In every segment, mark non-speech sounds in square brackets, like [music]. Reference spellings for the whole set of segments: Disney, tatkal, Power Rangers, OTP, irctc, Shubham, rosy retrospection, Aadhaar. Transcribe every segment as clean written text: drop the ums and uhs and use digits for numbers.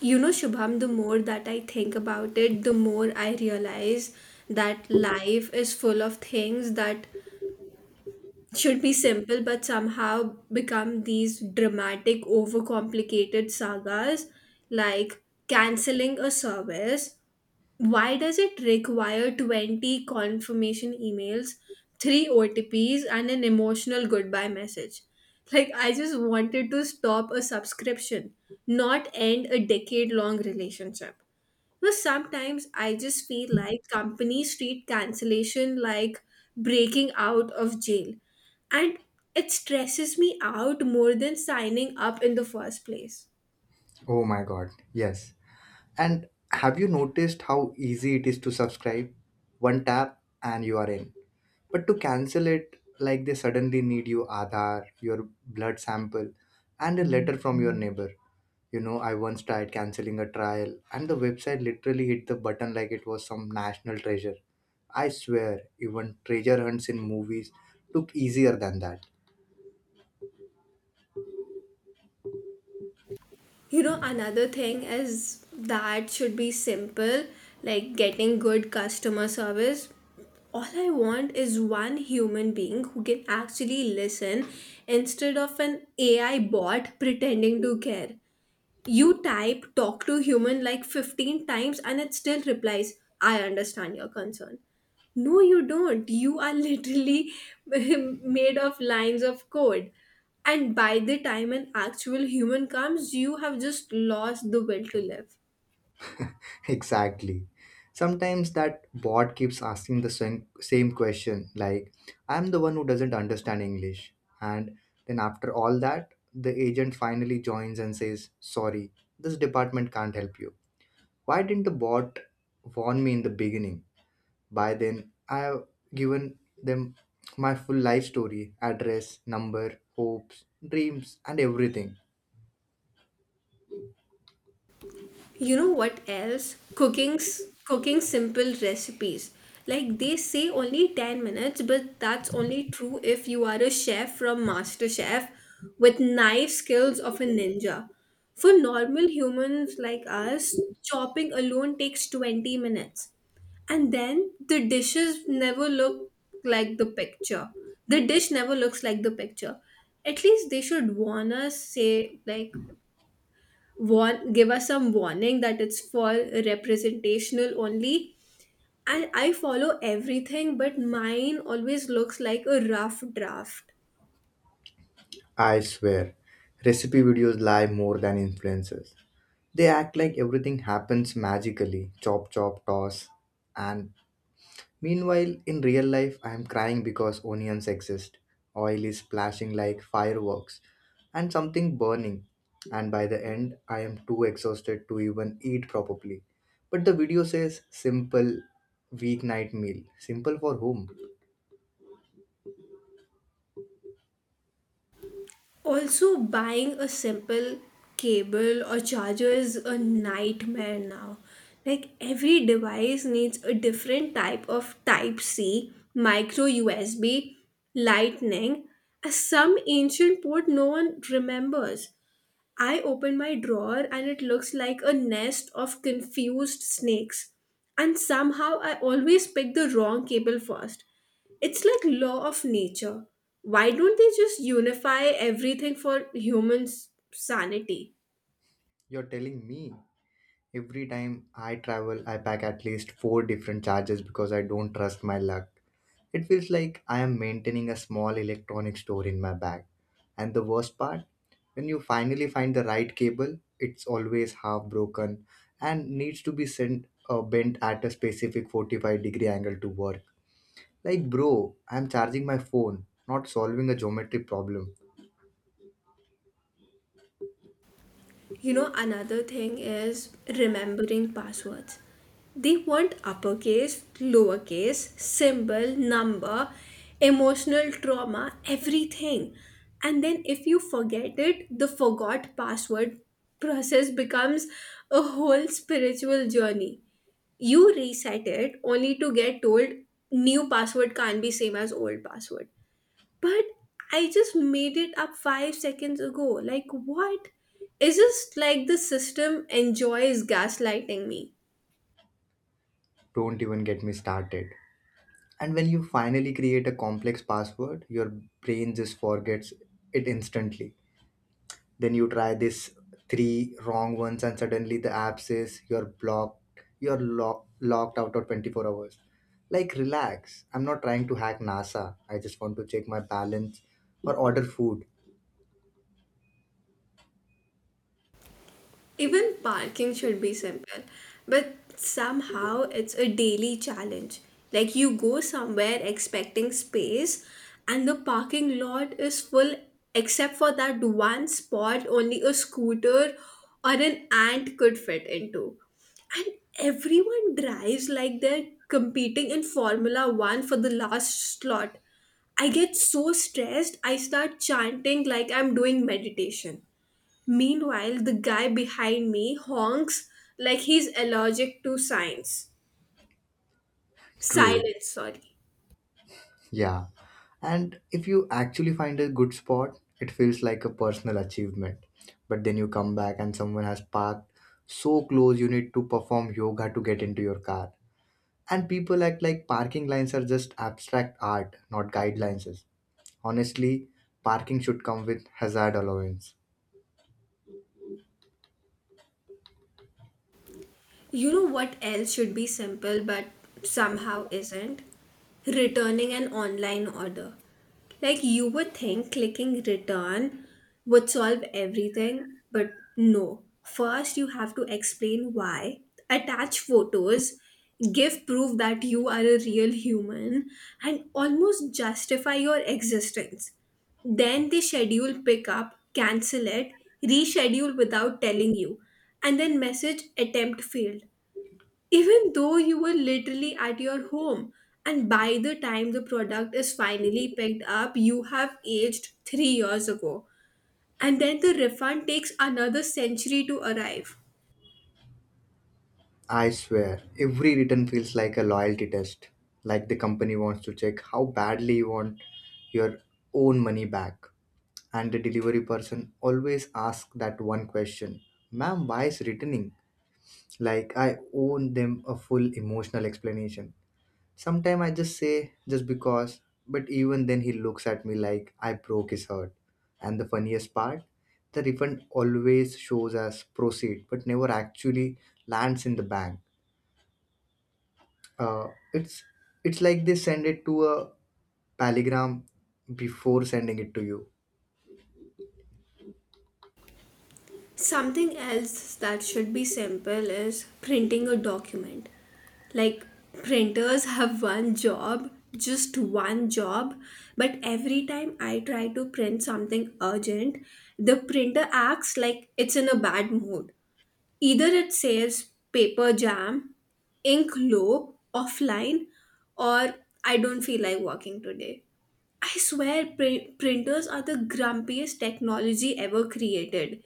You know, Shubham, the more that I think about it, the more I realize that life is full of things that should be simple but somehow become these dramatic, overcomplicated sagas like canceling a service. Why does it require 20 confirmation emails, 3 OTPs, and an emotional goodbye message? Like, I just wanted to stop a subscription, not end a decade long relationship. But sometimes I just feel like companies treat cancellation like breaking out of jail. And it stresses me out more than signing up in the first place. Oh my god, yes. And have you noticed how easy it is to subscribe? One tap and you are in. But to cancel it, like they suddenly need your Aadhaar, your blood sample, and a letter from your neighbor. You know, I once tried canceling a trial, and the website literally hit the button like it was some national treasure. I swear, even treasure hunts in movies look easier than that. You know, another thing is that should be simple, like getting good customer service. All I want is one human being who can actually listen instead of an AI bot pretending to care. You type talk to human like 15 times and it still replies, I understand your concern. No, you don't. You are literally [laughs] made of lines of code. And by the time an actual human comes, you have just lost the will to live. Exactly. Sometimes that bot keeps asking the same question, like, I'm the one who doesn't understand English. And then after all that, the agent finally joins and says, sorry, this department can't help you. Why didn't the bot warn me in the beginning? By then, I have given them my full life story address, number, hopes, dreams, and everything. You know what else? Cooking simple recipes. Like they say only 10 minutes, but that's only true if you are a chef from MasterChef with knife skills of a ninja. For normal humans like us, chopping alone takes 20 minutes. And then the dishes never look like the picture. The dish never looks like the picture. At least they should warn us, say, like, warn give us some warning that it's for representational only, and I follow everything, but mine always looks like a rough draft. I swear, recipe videos lie more than influencers. They act like everything happens magically, chop, chop, toss. And meanwhile, in real life, I am crying because onions exist. Oil is splashing like fireworks and something burning. And by the end, I am too exhausted to even eat properly. But the video says simple weeknight meal. Simple for whom? Also, buying a simple cable or charger is a nightmare now, like every device needs a different type of Type C, micro USB, Lightning, as some ancient port no one remembers. I open my drawer and it looks like a nest of confused snakes. And somehow I always pick the wrong cable first. It's like law of nature. Why don't they just unify everything for humans' sanity? You're telling me, every time I travel, I pack at least four different charges because I don't trust my luck. It feels like I am maintaining a small electronic store in my bag. And the worst part, when you finally find the right cable, it's always half broken and needs to be sent bent at a specific 45-degree angle to work. Like, bro, I'm charging my phone, not solving a geometry problem. You know, another thing is remembering passwords. They want uppercase, lowercase, symbol, number, emotional trauma, everything. And then if you forget it, the forgot password process becomes a whole spiritual journey. You reset it only to get told new password can't be same as old password. But I just made it up 5 seconds ago. Like, what? It's just like the system enjoys gaslighting me. Don't even get me started. And when you finally create a complex password, your brain just forgets it instantly. Then you try this three wrong ones and suddenly the app says you're blocked, locked out of 24 hours. Like, relax, I'm not trying to hack NASA. I just want to check my balance or order food. Even parking should be simple, but somehow it's a daily challenge. Like you go somewhere expecting space, and the parking lot is full except for that one spot only a scooter or an ant could fit into. And everyone drives like they're competing in Formula One for the last slot. I get so stressed, I start chanting like I'm doing meditation. Meanwhile, the guy behind me honks like he's allergic to science. True. Silence, sorry. Yeah. And if you actually find a good spot, it feels like a personal achievement. But then you come back and someone has parked so close you need to perform yoga to get into your car. And people act like parking lines are just abstract art, not guidelines. Honestly, parking should come with hazard allowance. You know what else should be simple but somehow isn't? Returning an online order. Like you would think clicking return would solve everything, but no. First, you have to explain why, attach photos, give proof that you are a real human, and almost justify your existence. Then they schedule pickup, cancel it, reschedule without telling you, and then message attempt failed. Even though you were literally at your home, and by the time the product is finally picked up, you have aged 3 years ago. And then the refund takes another century to arrive. I swear, every return feels like a loyalty test. Like, the company wants to check how badly you want your own money back. And the delivery person always asks that one question: ma'am, why is returning? Like I owe them a full emotional explanation. Sometimes I just say just because, but even then he looks at me like I broke his heart. And the funniest part, the refund always shows as proceed but never actually lands in the bank. Uh, it's it's like they send it to a telegram before sending it to you. Something else that should be simple is printing a document. Like printers have one job, just one job, but every time I try to print something urgent, the printer acts like it's in a bad mood. Either it says paper jam, ink low, offline, or I don't feel like working today. I swear, printers are the grumpiest technology ever created.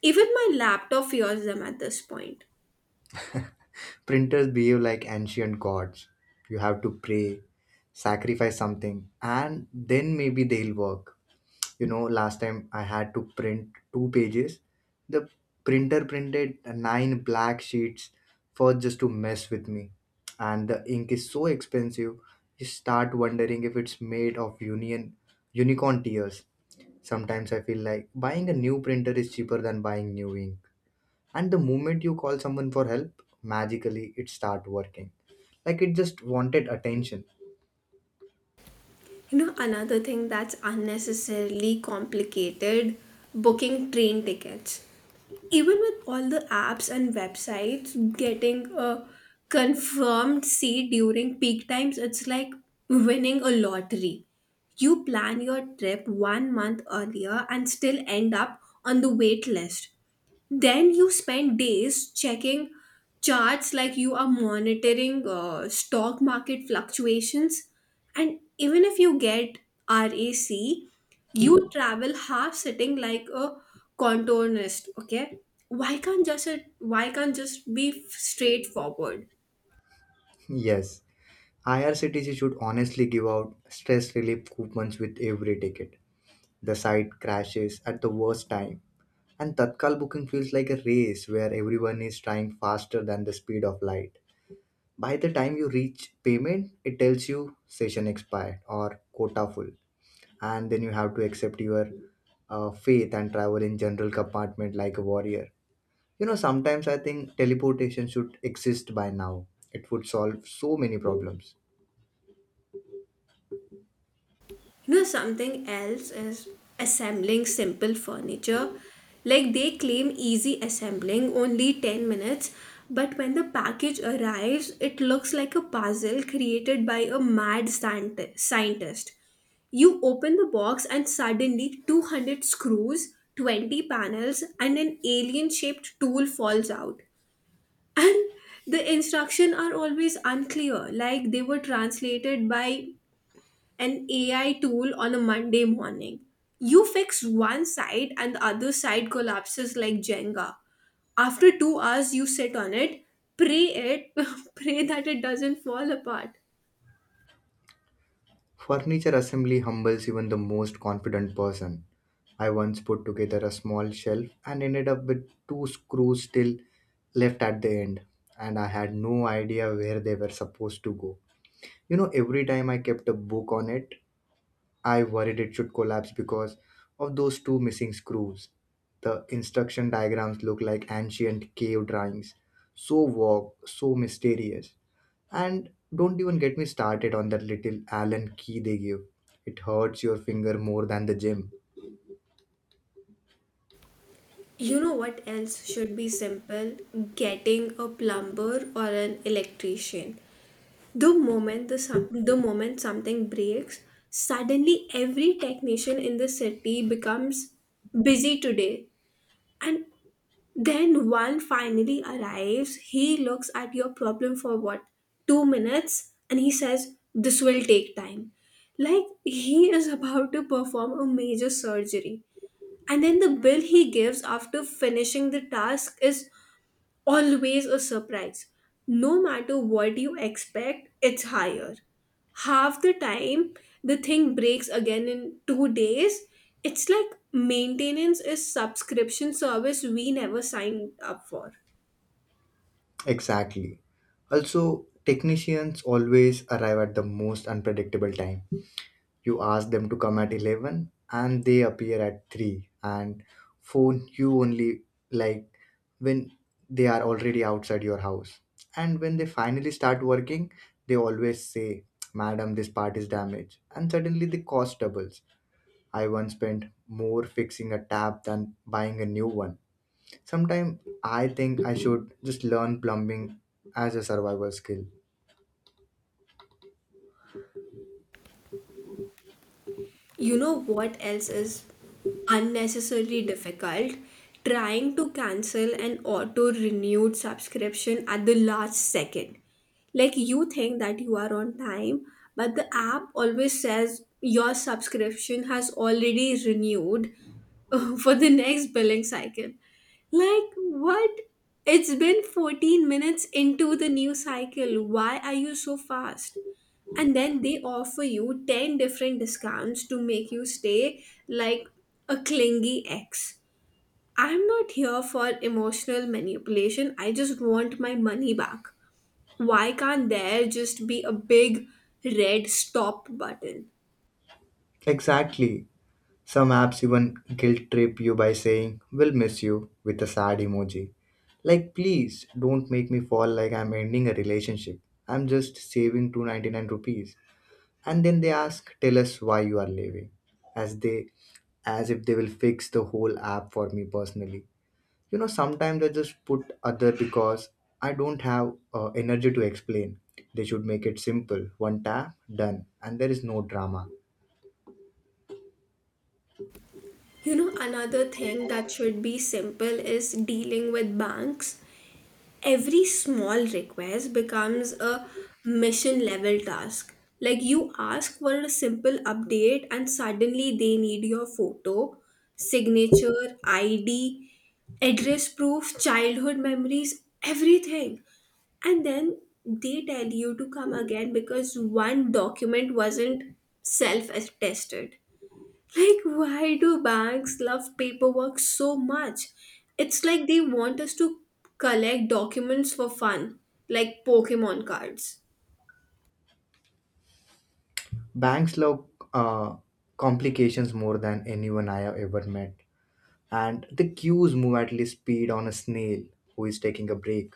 Even my laptop fears them at this point. Printers behave like ancient gods. You have to pray, sacrifice something, and then maybe they'll work. You know, last time I had to print two pages. The printer printed nine black sheets for just to mess with me. And the ink is so expensive, you start wondering if it's made of union unicorn tears. Sometimes I feel like buying a new printer is cheaper than buying new ink. And the moment you call someone for help, magically it start working, like it just wanted attention. You know, another thing that's unnecessarily complicated, booking train tickets. Even with all the apps and websites, getting a confirmed seat during peak times, it's like winning a lottery. You plan your trip 1 month earlier and still end up on the wait list. Then you spend days checking charts like you are monitoring stock market fluctuations. And even if you get RAC, you travel half sitting like a contortionist. Okay, why can't just it? Why can't just be straightforward? [laughs] Yes. IRCTC should honestly give out stress relief coupons with every ticket. The site crashes at the worst time, and tatkal booking feels like a race where everyone is trying faster than the speed of light. By the time you reach payment, it tells you session expired or quota full. And then you have to accept your faith and travel in general compartment like a warrior. You know, sometimes I think teleportation should exist by now. It would solve so many problems. You know, something else is assembling simple furniture. Like they claim easy assembling, only 10 minutes, but when the package arrives, it looks like a puzzle created by a mad scientist. You open the box and suddenly 200 screws, 20 panels, and an alien shaped tool falls out. And the instructions are always unclear, like they were translated by an AI tool on a Monday morning. You fix one side and the other side collapses like Jenga. After 2 hours, you sit on it, pray it, [laughs] pray that it doesn't fall apart. Furniture assembly humbles even the most confident person. I once put together a small shelf and ended up with two screws still left at the end, and I had no idea where they were supposed to go. You know, every time I kept a book on it, I worried it should collapse because of those two missing screws. The instruction diagrams look like ancient cave drawings, so vague, so mysterious. And don't even get me started on that little Allen key they give. It hurts your finger more than the gym. You know what else should be simple? Getting a plumber or an electrician. The moment something breaks, suddenly every technician in the city becomes busy today. And then one finally arrives, he looks at your problem for what, 2 minutes, and he says, This will take time. Like he is about to perform a major surgery. And then the bill he gives after finishing the task is always a surprise. No matter what you expect, it's higher. Half the time, the thing breaks again in 2 days. It's like maintenance is subscription service we never signed up for. Exactly. Also, technicians always arrive at the most unpredictable time. You ask them to come at 11 and they appear at 3 and phone you only, like, when they are already outside your house. And when they finally start working, they always say, madam, this part is damaged, and suddenly the cost doubles. I once spent more fixing a tap than buying a new one. Sometimes I think I should just learn plumbing as a survival skill. You know what else is unnecessarily difficult? Trying to cancel an auto renewed subscription at the last second. Like you think that you are on time, but the app always says your subscription has already renewed [laughs] for the next billing cycle. Like, what? It's been 14 minutes into the new cycle. Why are you so fast? And then they offer you 10 different discounts to make you stay like a clingy ex. I'm not here for emotional manipulation, I just want my money back. Why can't there just be a big red stop button? Exactly. Some apps even guilt trip you by saying, we'll miss you, with a sad emoji. Like, please don't make me fall like I'm ending a relationship. I'm just saving 299 rupees. And then they ask, tell us why you are leaving. As they as if they will fix the whole app for me personally. You know, sometimes I just put other because I don't have energy to explain. They should make it simple. One tap, done. And there is no drama. You know, another thing that should be simple is dealing with banks. Every small request becomes a mission level task. Like you ask for a simple update, and suddenly they need your photo, signature, ID, address proof, childhood memories, everything. And then they tell you to come again because one document wasn't self attested. Like, why do banks love paperwork so much? It's like they want us to collect documents for fun, like Pokemon cards. Banks love uh, complications more than anyone I have ever met, and the queues move at least speed on a snail who is taking a break.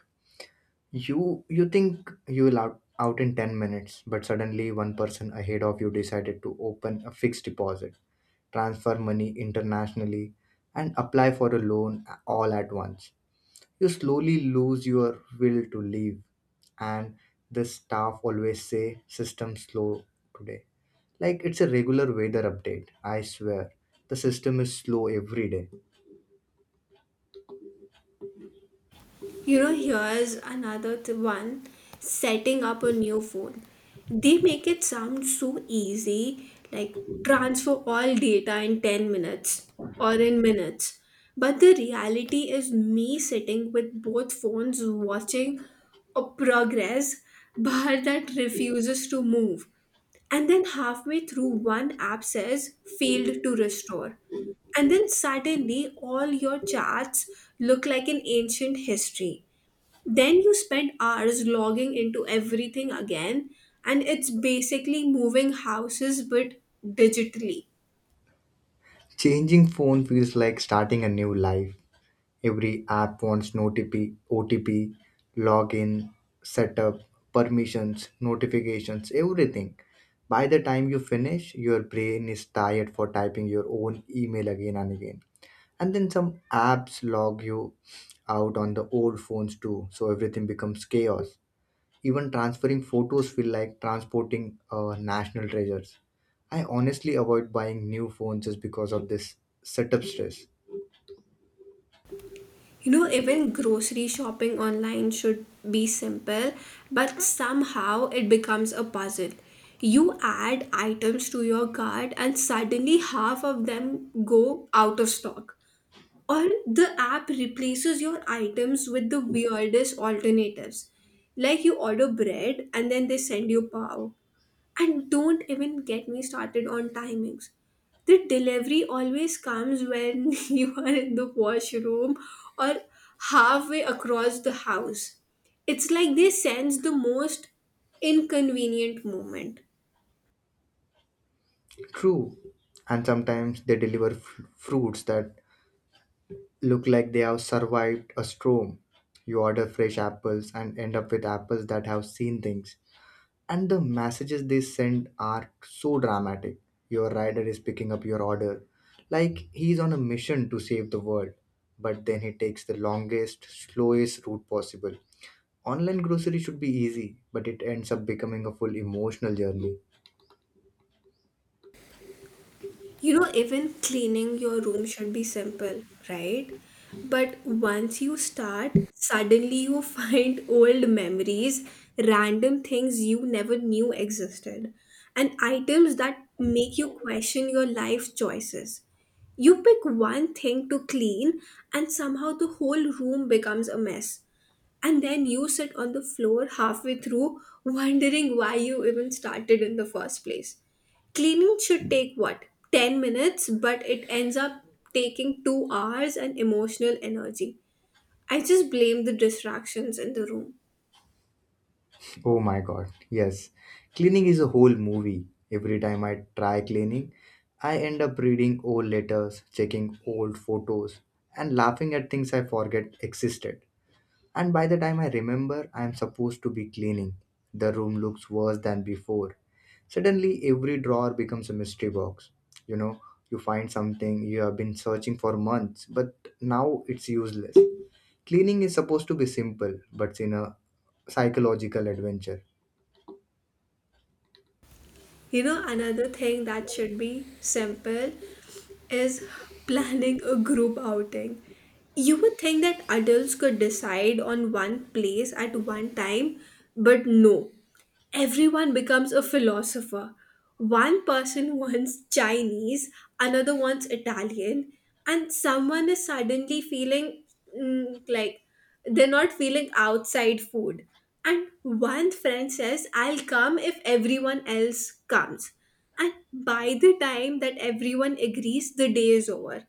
You think you will out in 10 minutes, but suddenly one person ahead of you decided to open a fixed deposit, transfer money internationally, and apply for a loan all at once. You slowly lose your will to leave, and the staff always say, "System slow today." Like it's a regular weather update, I swear. The system is slow every day. You know, here's another one, setting up a new phone. They make it sound so easy, like transfer all data in 10 minutes or in minutes. But the reality is me sitting with both phones watching a progress [laughs] bar that refuses to move. And then halfway through, one app says failed to restore. And then suddenly, all your charts look like an ancient history. Then you spend hours logging into everything again, and it's basically moving houses but digitally. Changing phone feels like starting a new life. Every app wants an OTP, login, setup, permissions, notifications, everything. By the time you finish, your brain is tired for typing your own email again and again. And then some apps log you out on the old phones too, so everything becomes chaos. Even transferring photos feel like transporting national treasures. I honestly avoid buying new phones just because of this setup stress. You know, even grocery shopping online should be simple, but somehow it becomes a puzzle. You add items to your cart, and suddenly half of them go out of stock. Or the app replaces your items with the weirdest alternatives. Like you order bread and then they send you pav. And don't even get me started on timings. The delivery always comes when [laughs] you are in the washroom or halfway across the house. It's like they sense the most inconvenient moment. True, and sometimes they deliver fruits that look like they have survived a storm. You order fresh apples and end up with apples that have seen things. And the messages they send are so dramatic. Your rider is picking up your order, like he's on a mission to save the world, but then he takes the longest, slowest route possible. Online grocery should be easy, but it ends up becoming a full emotional journey. You know, even cleaning your room should be simple, right? But once you start, suddenly you [laughs] find old memories, random things you never knew existed, and items that make you question your life choices. You pick one thing to clean, and somehow the whole room becomes a mess, and then you sit on the floor halfway through wondering why you even started in the first place. Cleaning should take what, 10 minutes, but it ends up taking 2 hours and emotional energy. I just blame the distractions in the room. Oh my god, yes. Cleaning is a whole movie. Every time I try cleaning, I end up reading old letters, checking old photos, and laughing at things I forget existed. And by the time I remember I am supposed to be cleaning, the room looks worse than before. Suddenly, every drawer becomes a mystery box. You know, you find something you have been searching for months, but now it's useless. Cleaning is supposed to be simple, but it's in a psychological adventure. You know, another thing that should be simple is planning a group outing. You would think that adults could decide on one place at one time, but no. Everyone becomes a philosopher. One person [laughs] wants Chinese, another wants Italian, and someone is suddenly feeling like they're not feeling outside food. And one friend says, I'll come if everyone else comes. And by the time that everyone agrees, the day is over.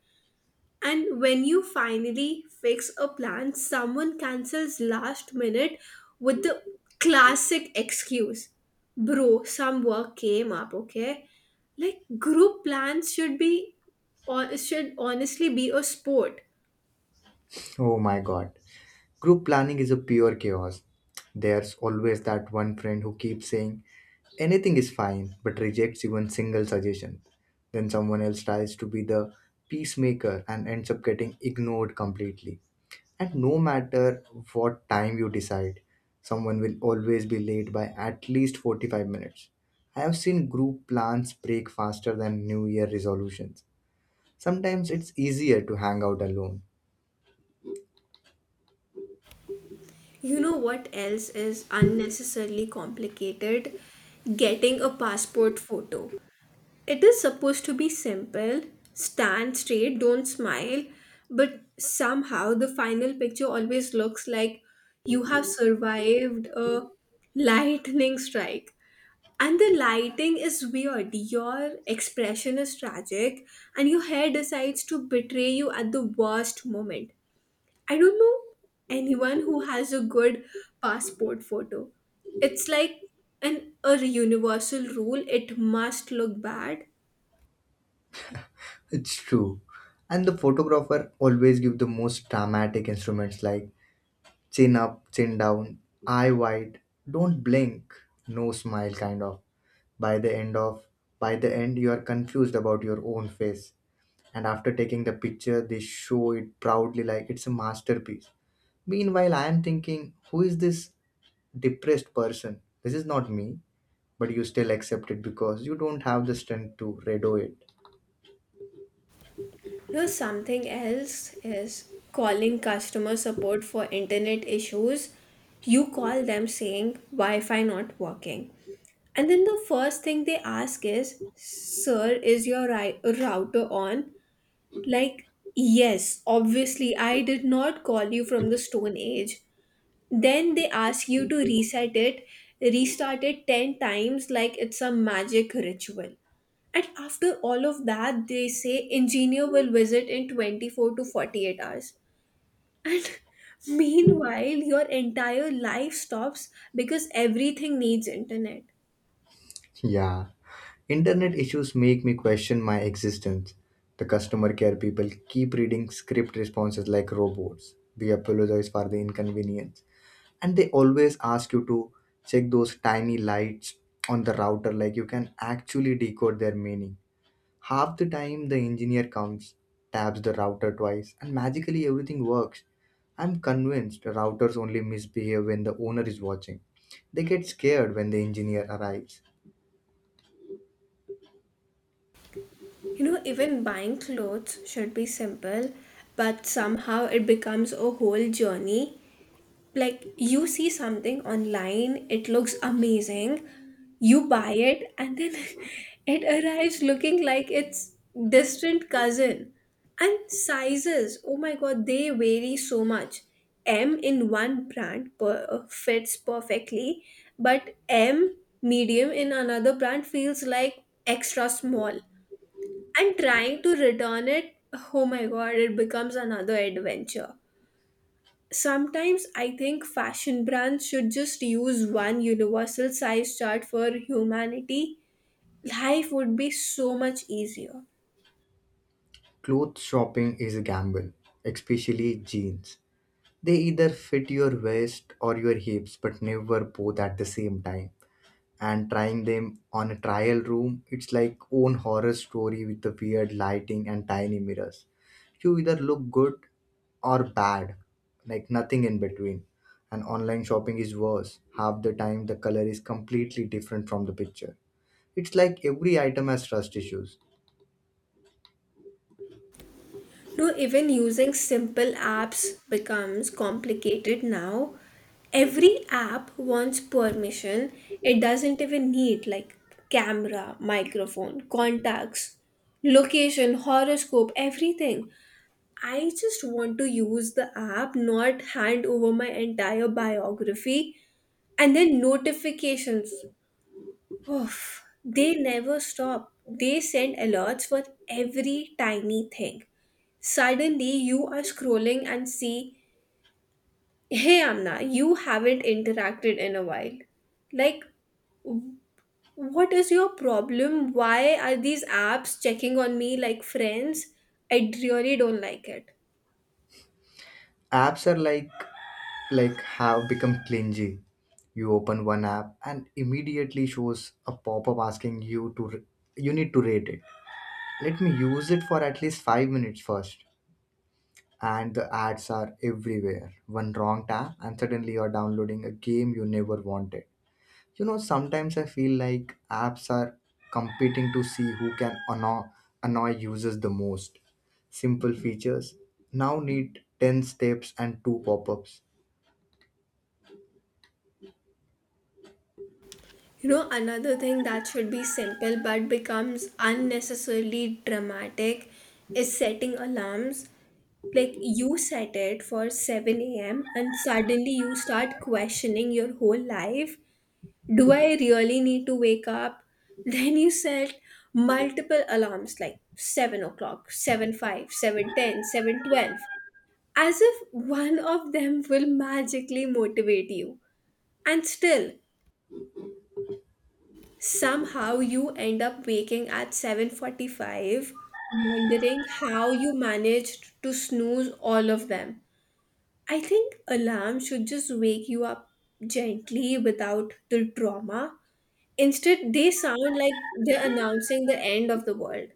And when you finally fix a plan, someone cancels last minute with the classic excuse, Bro, some work came up, okay? Like, group plans should be, or should honestly be a sport. Oh my god. Group planning is a pure chaos. There's always that one friend who keeps saying, anything is fine, but rejects even single suggestion. Then someone else tries to be the peacemaker and ends up getting ignored completely. And no matter what time you decide, someone will always be late by at least 45 minutes. I have seen group plans break faster than New Year resolutions. Sometimes it's easier to hang out alone. You know what else is unnecessarily complicated? Getting a passport photo. It is supposed to be simple, stand straight, don't smile, but somehow the final picture always looks like you have survived a lightning strike. And the lighting is weird. Your expression is tragic, and your hair decides to betray you at the worst moment. I don't know anyone who has a good passport photo. It's like an a universal rule. It must look bad. It's true. And the photographer always give the most dramatic instruments like chin up, chin down, eye wide, don't blink, no smile kind of. By the end of by the end you are confused about your own face. And after taking the picture they show it proudly like it's a masterpiece. Meanwhile, I am thinking, who is this depressed person? This is not me, but you still accept it because you don't have the strength to redo it. Here's something else, is calling customer support for internet issues. You call them saying Wi-Fi not working. And then the first thing they ask is, Sir, is your router on? Like, yes, obviously, I did not call you from the Stone Age. Then they ask you to reset it, restart it 10 times like it's a magic ritual. And after all of that, they say engineer will visit in 24 to 48 hours. And [laughs] meanwhile, your entire life stops because everything needs internet. Yeah. Internet issues make me question my existence. The customer care people keep reading script responses like robots. We apologize for the inconvenience. And they always ask you to check those tiny lights on the router like you can actually decode their meaning. Half the time, the engineer comes, taps the router twice, and magically everything works. I'm convinced routers only misbehave when the owner is watching. They get scared when the engineer arrives. You know, even buying clothes should be simple, but somehow it becomes a whole journey. Like you see something online, it looks amazing. You buy it, and then [laughs] it arrives looking like its distant cousin. And sizes, oh my god, they vary so much. M in one brand fits perfectly, but m medium in another brand feels like extra small. And trying to return it, oh my god, it becomes another adventure. Sometimes I think fashion brands should just use one universal size chart for humanity. Life would be so much easier. Clothes shopping is a gamble, especially jeans. They either fit your waist or your hips, but never both at the same time. And trying them on a trial room, it's like own horror story with the weird lighting and tiny mirrors. You either look good or bad, like nothing in between. And online shopping is worse. Half the time, the color is completely different from the picture. It's like every item has trust issues. No, even using simple apps becomes complicated now. Every app wants permission. It doesn't even need, like, camera, microphone, contacts, location, horoscope, everything. I just want to use the app, not hand over my entire biography. And then notifications. Oof, they never stop. They send alerts for every tiny thing. Suddenly, you are scrolling and see, hey Amna, you haven't interacted in a while. Like, what is your problem? Why are these apps checking on me like friends? I really don't like it. Apps are like have become clingy. You open one app and immediately shows a pop-up asking you to you need to rate it. Let me use it for at least 5 minutes first. And the ads are everywhere. One wrong tap and suddenly you're downloading a game you never wanted. You know, sometimes I feel like apps are competing to see who can annoy users the most. Simple features now need 10 steps and two pop-ups. You know, another thing that should be simple but becomes unnecessarily dramatic is setting alarms. Like you set it for 7 a.m. and suddenly you start questioning your whole life. Do I really need to wake up? [laughs] Then you set multiple alarms like 7 o'clock, 7 5, 7:10, 7:12, as if one of them will magically motivate you. And still, somehow you end up waking at 7:45 wondering how you managed to snooze all of them. I think alarm should just wake you up gently without the trauma. Instead, they sound like they're announcing the end of the world.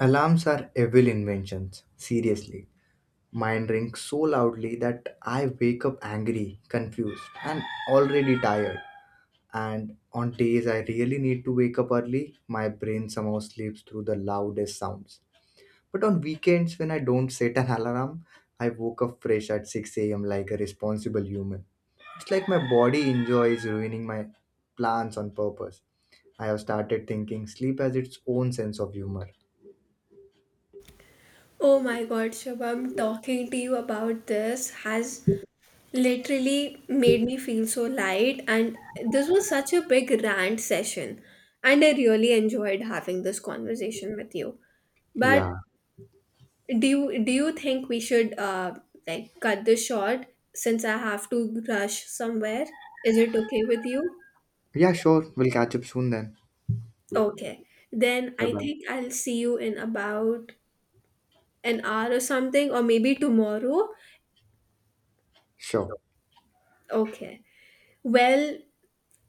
Alarms are evil inventions, seriously. Mine rings so loudly that I wake up angry, confused, and already tired. And on days I really need to wake up early, my brain somehow sleeps through the loudest sounds. But on weekends, when I don't set an alarm, I woke up fresh at 6 a.m. like a responsible human. It's like my body enjoys ruining my plans on purpose. I have started thinking sleep has its own sense of humor. Oh my god, Shabam, talking to you about this has literally made me feel so light, and this was such a big rant session. And I really enjoyed having this conversation with you. But Yeah, do you think we should like cut this short, since I have to rush somewhere? Is it okay with you? Yeah, sure. We'll catch up soon then. Okay, then Bye I bye. think I'll see you in about an hour or something, or maybe tomorrow. Sure. Okay, well,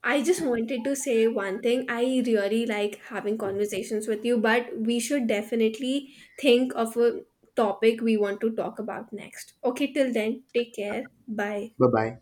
I just wanted to say one thing, I really like having conversations with you, but we should definitely think of a topic we want to talk about next, okay? Till then, take care, bye. Bye bye.